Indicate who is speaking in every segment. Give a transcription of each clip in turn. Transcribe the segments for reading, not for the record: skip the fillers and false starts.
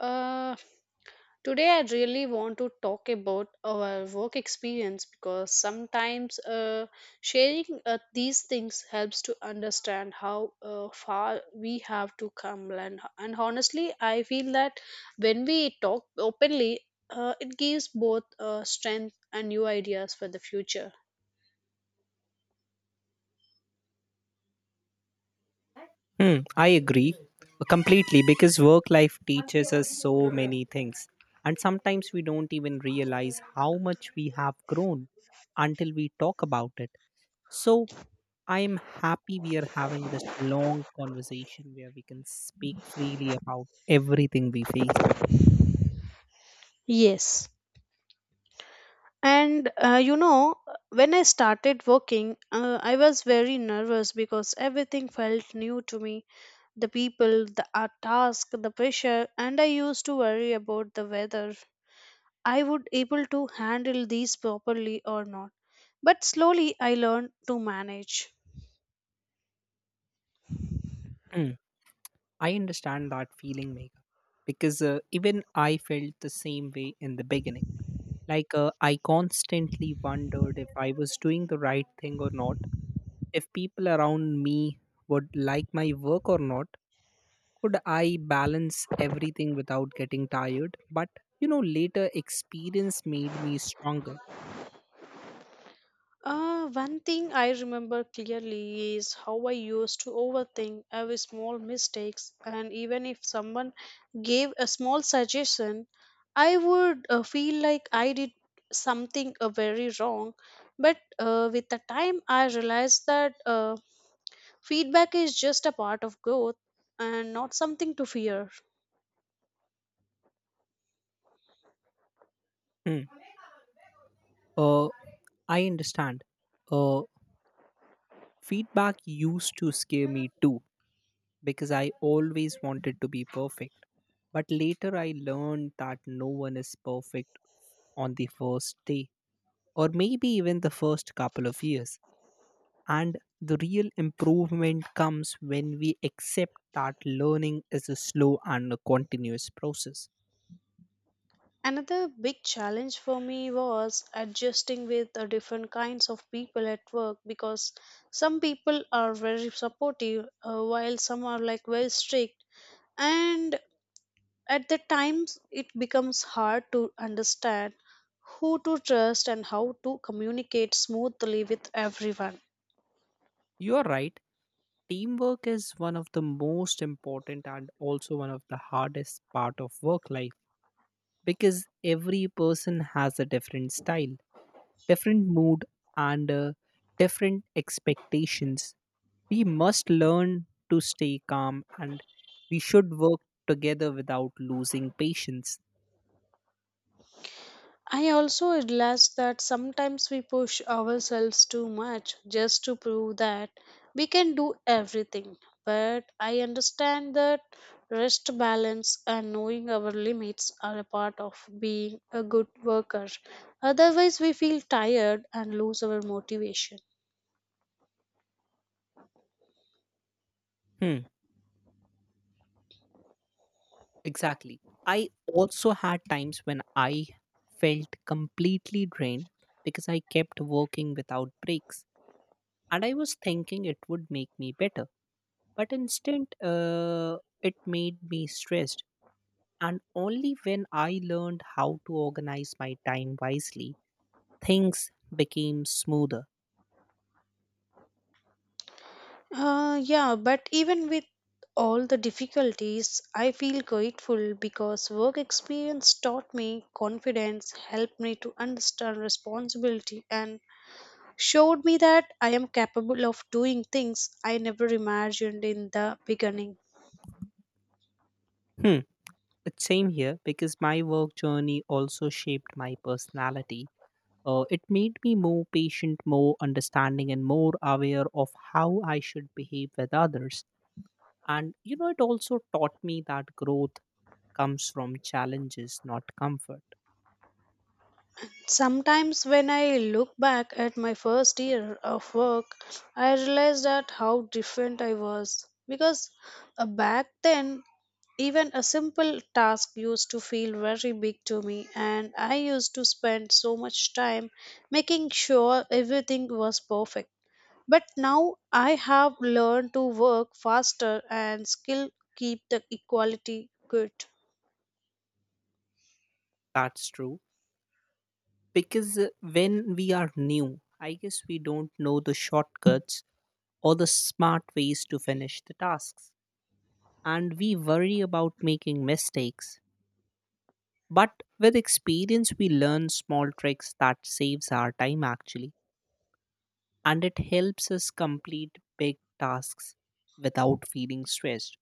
Speaker 1: Uh, Today I really want to talk about our work experience because sometimes sharing these things helps to understand how far we have to come. And honestly, I feel that when we talk openly, it gives both strength and new ideas for the future.
Speaker 2: Hmm, I agree completely because work life teaches us so many things. And sometimes we don't even realize how much we have grown until we talk about it. So I am happy we are having this long conversation where we can speak freely about everything we face.
Speaker 1: Yes. And when I started working, I was very nervous because everything felt new to me, the people, the task, the pressure, and I used to worry about the whether I would able to handle these properly or not. But slowly I learned to manage.
Speaker 2: Hmm, I understand that feeling, Megha, because even I felt the same way in the beginning. I constantly wondered if I was doing the right thing or not, if people around me would like my work or not, could I balance everything without getting tired. But you know later experience made me stronger.
Speaker 1: One thing I remember clearly is how I used to overthink every small mistakes, and even if someone gave a small suggestion, I would feel like I did something very wrong. But with the time, I realized that feedback is just a part of growth and not something to fear.
Speaker 2: Hmm. uh, I understand. uh, Feedback used to scare me too because I always wanted to be perfect, but later I learned that no one is perfect on the first day or maybe even the first couple of years. And the real improvement comes when we accept that learning is a slow and a continuous process.
Speaker 1: Another big challenge for me was adjusting with the different kinds of people at work because some people are very supportive while some are like very strict, and at the times it becomes hard to understand who to trust and how to communicate smoothly with everyone.
Speaker 2: You are right. Teamwork is one of the most important and also one of the hardest part of work life because every person has a different style, different mood, and different expectations. We must learn to stay calm and we should work together without losing patience.
Speaker 1: I also realize that sometimes we push ourselves too much just to prove that we can do everything. But I understand that rest balance and knowing our limits are a part of being a good worker. Otherwise, we feel tired and lose our motivation.
Speaker 2: Hmm. Exactly. I also had times when I felt completely drained because I kept working without breaks. And I was thinking it would make me better. But instead, it made me stressed. And only when I learned how to organize my time wisely, things became smoother.
Speaker 1: Yeah, but even with all the difficulties, I feel grateful because work experience taught me confidence, helped me to understand responsibility, and showed me that I am capable of doing things I never imagined in the beginning.
Speaker 2: Hmm. It's same here because my work journey also shaped my personality. It made me more patient, more understanding, and more aware of how I should behave with others. And you know, it also taught me that growth comes from challenges, not comfort.
Speaker 1: Sometimes when I look back at my first year of work, I realize that how different I was. Because back then, even a simple task used to feel very big to me, and I used to spend so much time making sure everything was perfect. But now I have learned to work faster and still keep the equality good.
Speaker 2: That's true. Because when we are new, I guess we don't know the shortcuts or the smart ways to finish the tasks. And we worry about making mistakes. But with experience, we learn small tricks that saves our time actually and it helps us complete big tasks without feeling stressed.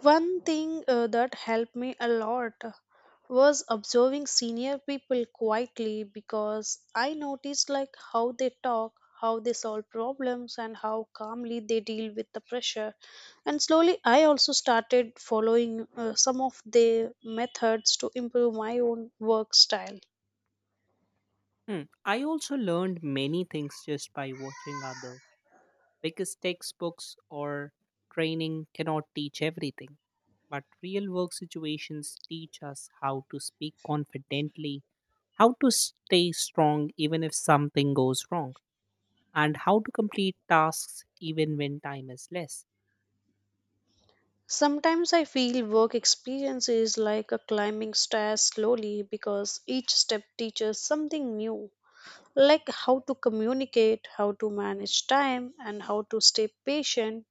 Speaker 1: One thing that helped me a lot was observing senior people quietly because I noticed like how they talk, how they solve problems and how calmly they deal with the pressure. And slowly I also started following some of their methods to improve my own work style.
Speaker 2: Hmm, I also learned many things just by watching others because textbooks or training cannot teach everything. But real work situations teach us how to speak confidently, how to stay strong even if something goes wrong, and how to complete tasks even when time is less.
Speaker 1: Sometimes I feel work experience is like a climbing stairs slowly because each step teaches something new, like how to communicate, how to manage time, and how to stay patient,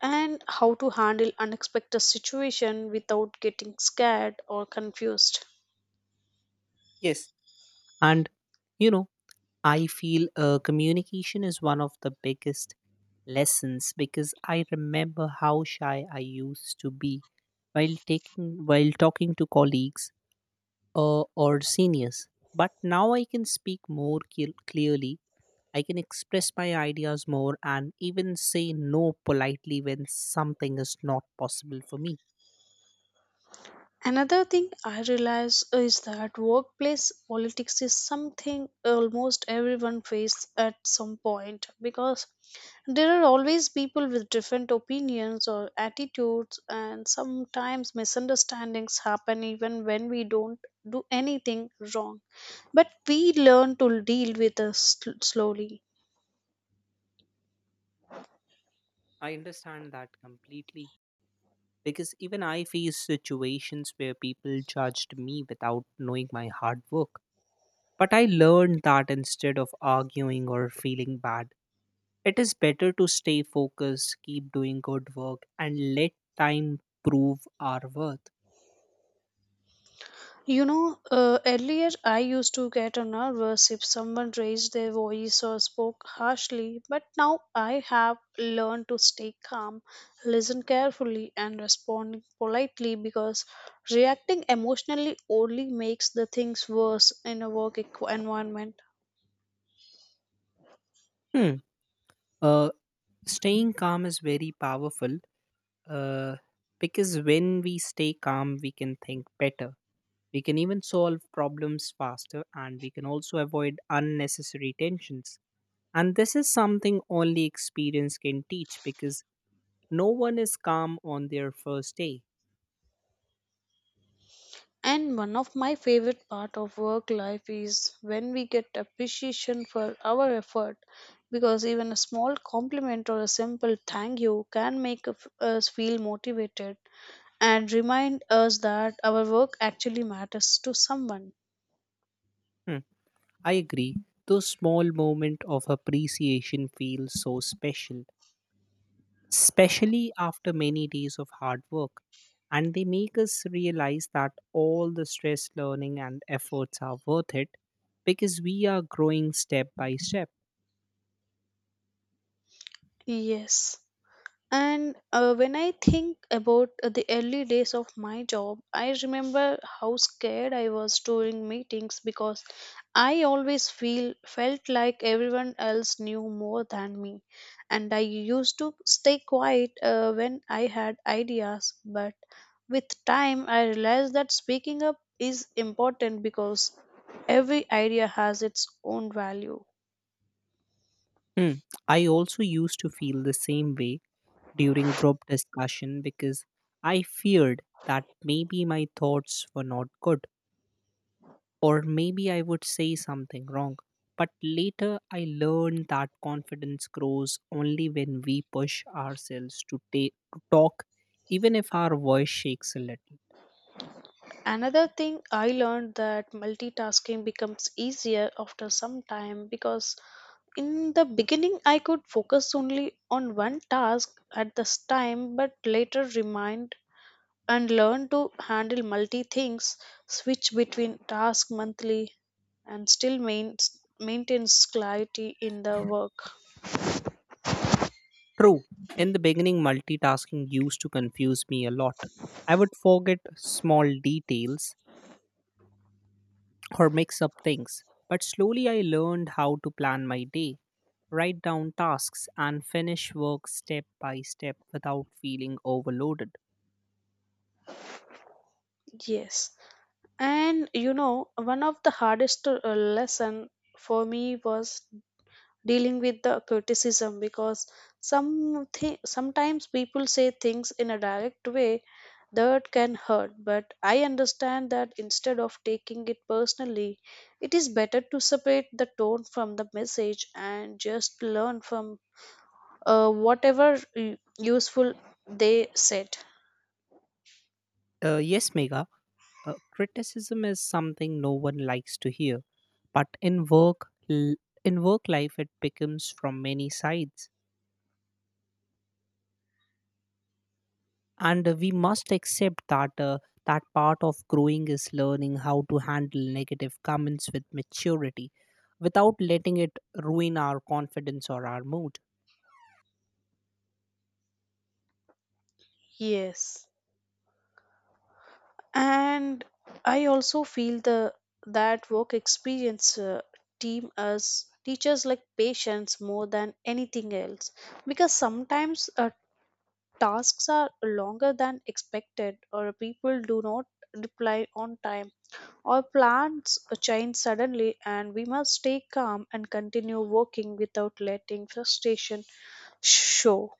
Speaker 1: and how to handle unexpected situation without getting scared or confused.
Speaker 2: Yes, and you know, I feel communication is one of the biggest lessons because I remember how shy I used to be while taking while talking to colleagues or seniors. But now I can speak more clearly. I can express my ideas more and even say no politely when something is not possible for me.
Speaker 1: Another thing I realize is that workplace politics is something almost everyone faces at some point because there are always people with different opinions or attitudes, and sometimes misunderstandings happen even when we don't do anything wrong. But we learn to deal with us slowly.
Speaker 2: I understand that completely because even I faced situations where people judged me without knowing my hard work. But I learned that instead of arguing or feeling bad, it is better to stay focused, keep doing good work, and let time prove our worth.
Speaker 1: You know, earlier I used to get nervous if someone raised their voice or spoke harshly, but now I have learned to stay calm, listen carefully, and respond politely because reacting emotionally only makes the things worse in a work environment.
Speaker 2: Hmm. Uh, Staying calm is very powerful, uh, because when we stay calm, we can think better. We can even solve problems faster and we can also avoid unnecessary tensions. And this is something only experience can teach because no one is calm on their first day.
Speaker 1: And one of my favorite part of work life is when we get appreciation for our effort because even a small compliment or a simple thank you can make us feel motivated and remind us that our work actually matters to someone.
Speaker 2: Hmm. I agree. Those small moments of appreciation feel so special, especially after many days of hard work. And they make us realize that all the stress, learning, and efforts are worth it because we are growing step by step.
Speaker 1: Yes. And when I think about the early days of my job, I remember how scared I was during meetings because I always feel felt like everyone else knew more than me, and I used to stay quiet when I had ideas. But with time, I realized that speaking up is important because every idea has its own value.
Speaker 2: Hmm. I also used to feel the same way during group discussion because I feared that maybe my thoughts were not good or maybe I would say something wrong. But later, I learned that confidence grows only when we push ourselves to talk, even if our voice shakes a little.
Speaker 1: Another thing I learned that multitasking becomes easier after some time because in the beginning I could focus only on one task at this time but later remind and learn to handle multi things, switch between tasks monthly and still maintains clarity in the work.
Speaker 2: True, in the beginning, multitasking used to confuse me a lot. I would forget small details or mix up things. But slowly, I learned how to plan my day, write down tasks, and finish work step by step without feeling overloaded.
Speaker 1: Yes. And you know, one of the hardest lesson for me was dealing with the criticism because some sometimes people say things in a direct way that can hurt, but I understand that instead of taking it personally, it is better to separate the tone from the message and just learn from whatever u- useful they said.
Speaker 2: Yes, Mega. Criticism is something no one likes to hear, but in work life, it becomes from many sides, and we must accept that that part of growing is learning how to handle negative comments with maturity, without letting it ruin our confidence or our mood.
Speaker 1: Yes, and I also feel the that work experience team us teachers like patience more than anything else, because sometimes tasks are longer than expected or people do not reply on time or plans change suddenly, and we must stay calm and continue working without letting frustration show.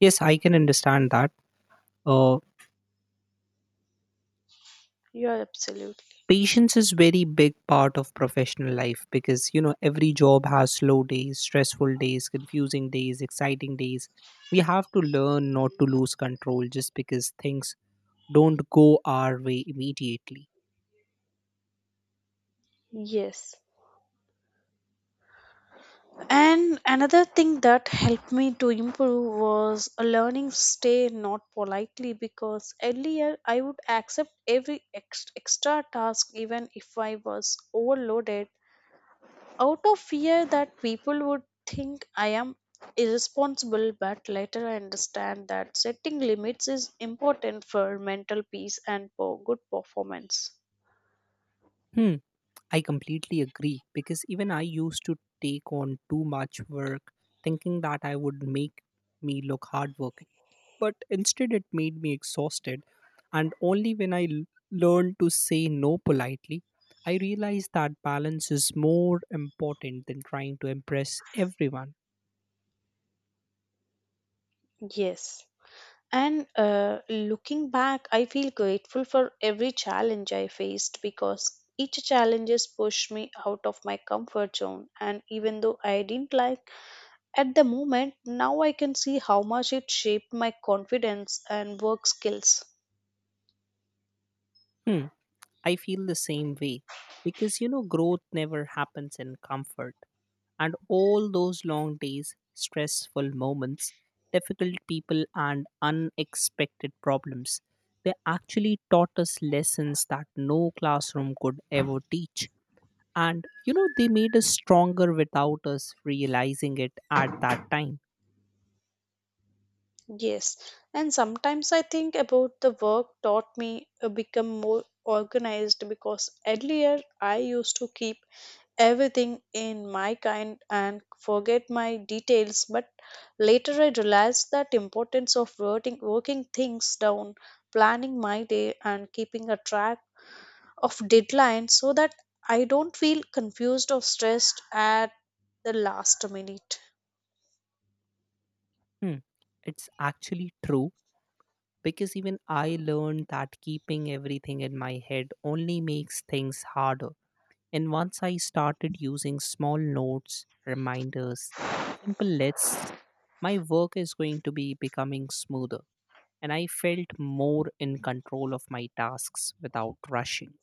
Speaker 2: Yes, I can understand that. Uh,
Speaker 1: You're absolutely
Speaker 2: Patience is very big part of professional life because you know every job has slow days, stressful days, confusing days, exciting days. We have to learn not to lose control just because things don't go our way immediately.
Speaker 1: yes. And another thing that helped me to improve was a learning stay not politely, because earlier I would accept every extra task even if I was overloaded, out of fear that people would think I am irresponsible, but later I understand that setting limits is important for mental peace and for good performance.
Speaker 2: Hmm, I completely agree because even I used to take on too much work, thinking that I would make me look hardworking. But instead it made me exhausted. And only when learned to say no politely, I realized that balance is more important than trying to impress everyone.
Speaker 1: Yes. And looking back, I feel grateful for every challenge I faced because each challenges pushed me out of my comfort zone. And even though I didn't like at the moment, now I can see how much it shaped my confidence and work skills.
Speaker 2: Hmm, I feel the same way because you know, growth never happens in comfort, and all those long days, stressful moments, difficult people, and unexpected problems, they actually taught us lessons that no classroom could ever teach. And you know they made us stronger without us realizing it at that time.
Speaker 1: Yes, and sometimes I think about the work taught me become more organized because earlier I used to keep everything in my kind and forget my details, but later I realized that importance of writing, working things down, planning my day and keeping a track of deadlines so that I don't feel confused or stressed at the last minute.
Speaker 2: Hmm. It's actually true because even I learned that keeping everything in my head only makes things harder. And once I started using small notes, reminders, simple lists, my work is going to be becoming smoother. And I felt more in control of my tasks without rushing.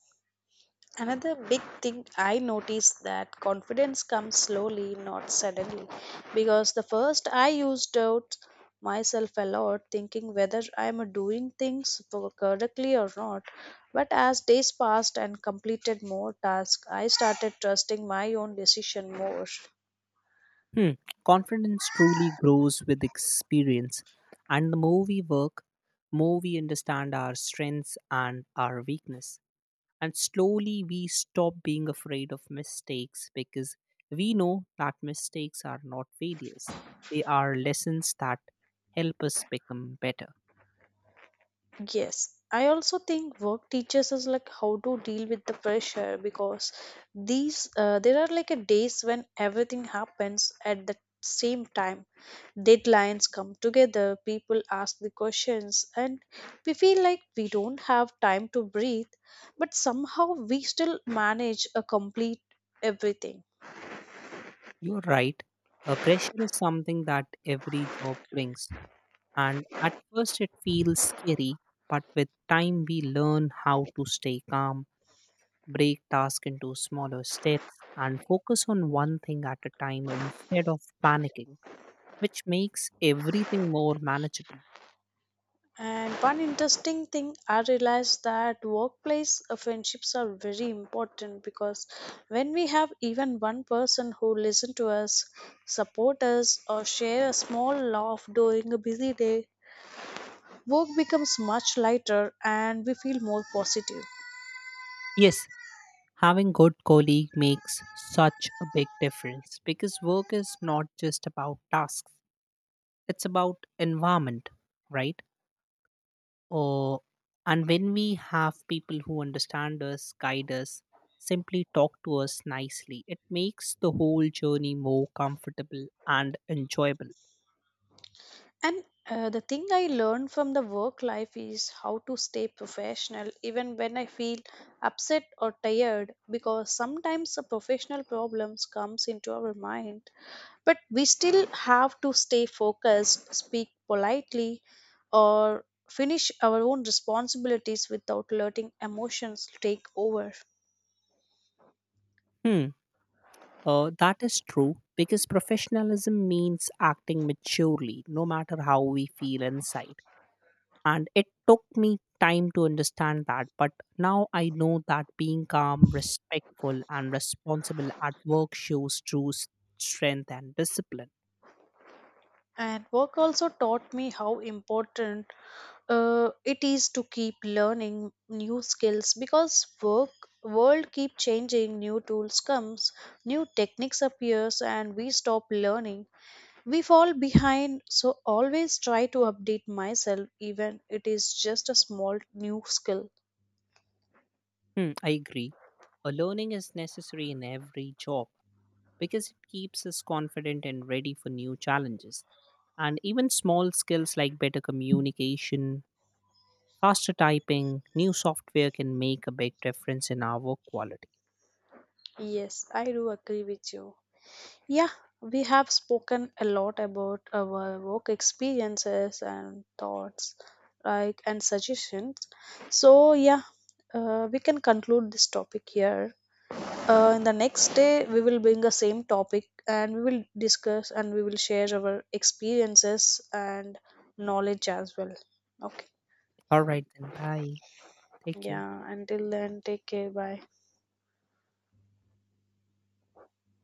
Speaker 1: Another big thing I noticed that confidence comes slowly, not suddenly. Because the first I used doubt myself a lot, thinking whether I am doing things correctly or not. But as days passed and completed more tasks, I started trusting my own decision more.
Speaker 2: Hmm. Confidence truly grows with experience, and the more we work, more we understand our strengths and our weakness. And slowly we stop being afraid of mistakes because we know that mistakes are not failures. They are lessons that help us become better.
Speaker 1: Yes, I also think work teaches us like how to deal with the pressure because these there are like a days when everything happens at the same time. Deadlines come together, people ask the questions, and we feel like we don't have time to breathe, but somehow we still manage a complete everything.
Speaker 2: You're right. Pressure is something that every job brings. And at first, it feels scary, but with time, we learn how to stay calm, break tasks into smaller steps, and focus on one thing at a time instead of panicking, which makes everything more manageable.
Speaker 1: And one interesting thing I realized that workplace friendships are very important because when we have even one person who listen to us, support us, or share a small laugh during a busy day, work becomes much lighter and we feel more positive.
Speaker 2: Yes, having good colleague makes such a big difference because work is not just about tasks, it's about environment, right? Or, and when we have people who understand us, guide us, simply talk to us nicely, it makes the whole journey more comfortable and enjoyable.
Speaker 1: And the thing I learned from the work life is how to stay professional even when I feel upset or tired, because sometimes the professional problems comes into our mind but we still have to stay focused, speak politely or finish our own responsibilities without letting emotions take over.
Speaker 2: Hmm, that is true because professionalism means acting maturely no matter how we feel inside, and it took me time to understand that, but now I know that being calm, respectful and responsible at work shows strength and discipline.
Speaker 1: And work also taught me how important it is to keep learning new skills, because work world keep changing, new tools comes, new techniques appears and we stop learning, we fall behind, so always try to update myself even it is just a small new skill.
Speaker 2: Hmm, I agree. A learning is necessary in every job because it keeps us confident and ready for new challenges. And even small skills like better communication, faster typing, new software can make a big difference in our work quality.
Speaker 1: Yes, I do agree with you. Yeah, we have spoken a lot about our work experiences and thoughts, like and suggestions. So yeah, we can conclude this topic here. In the next day, we will bring the same topic and we will discuss and we will share our experiences and knowledge as well. Okay.
Speaker 2: All right, then, bye. Take care.
Speaker 1: Yeah. Until then, take care. Bye.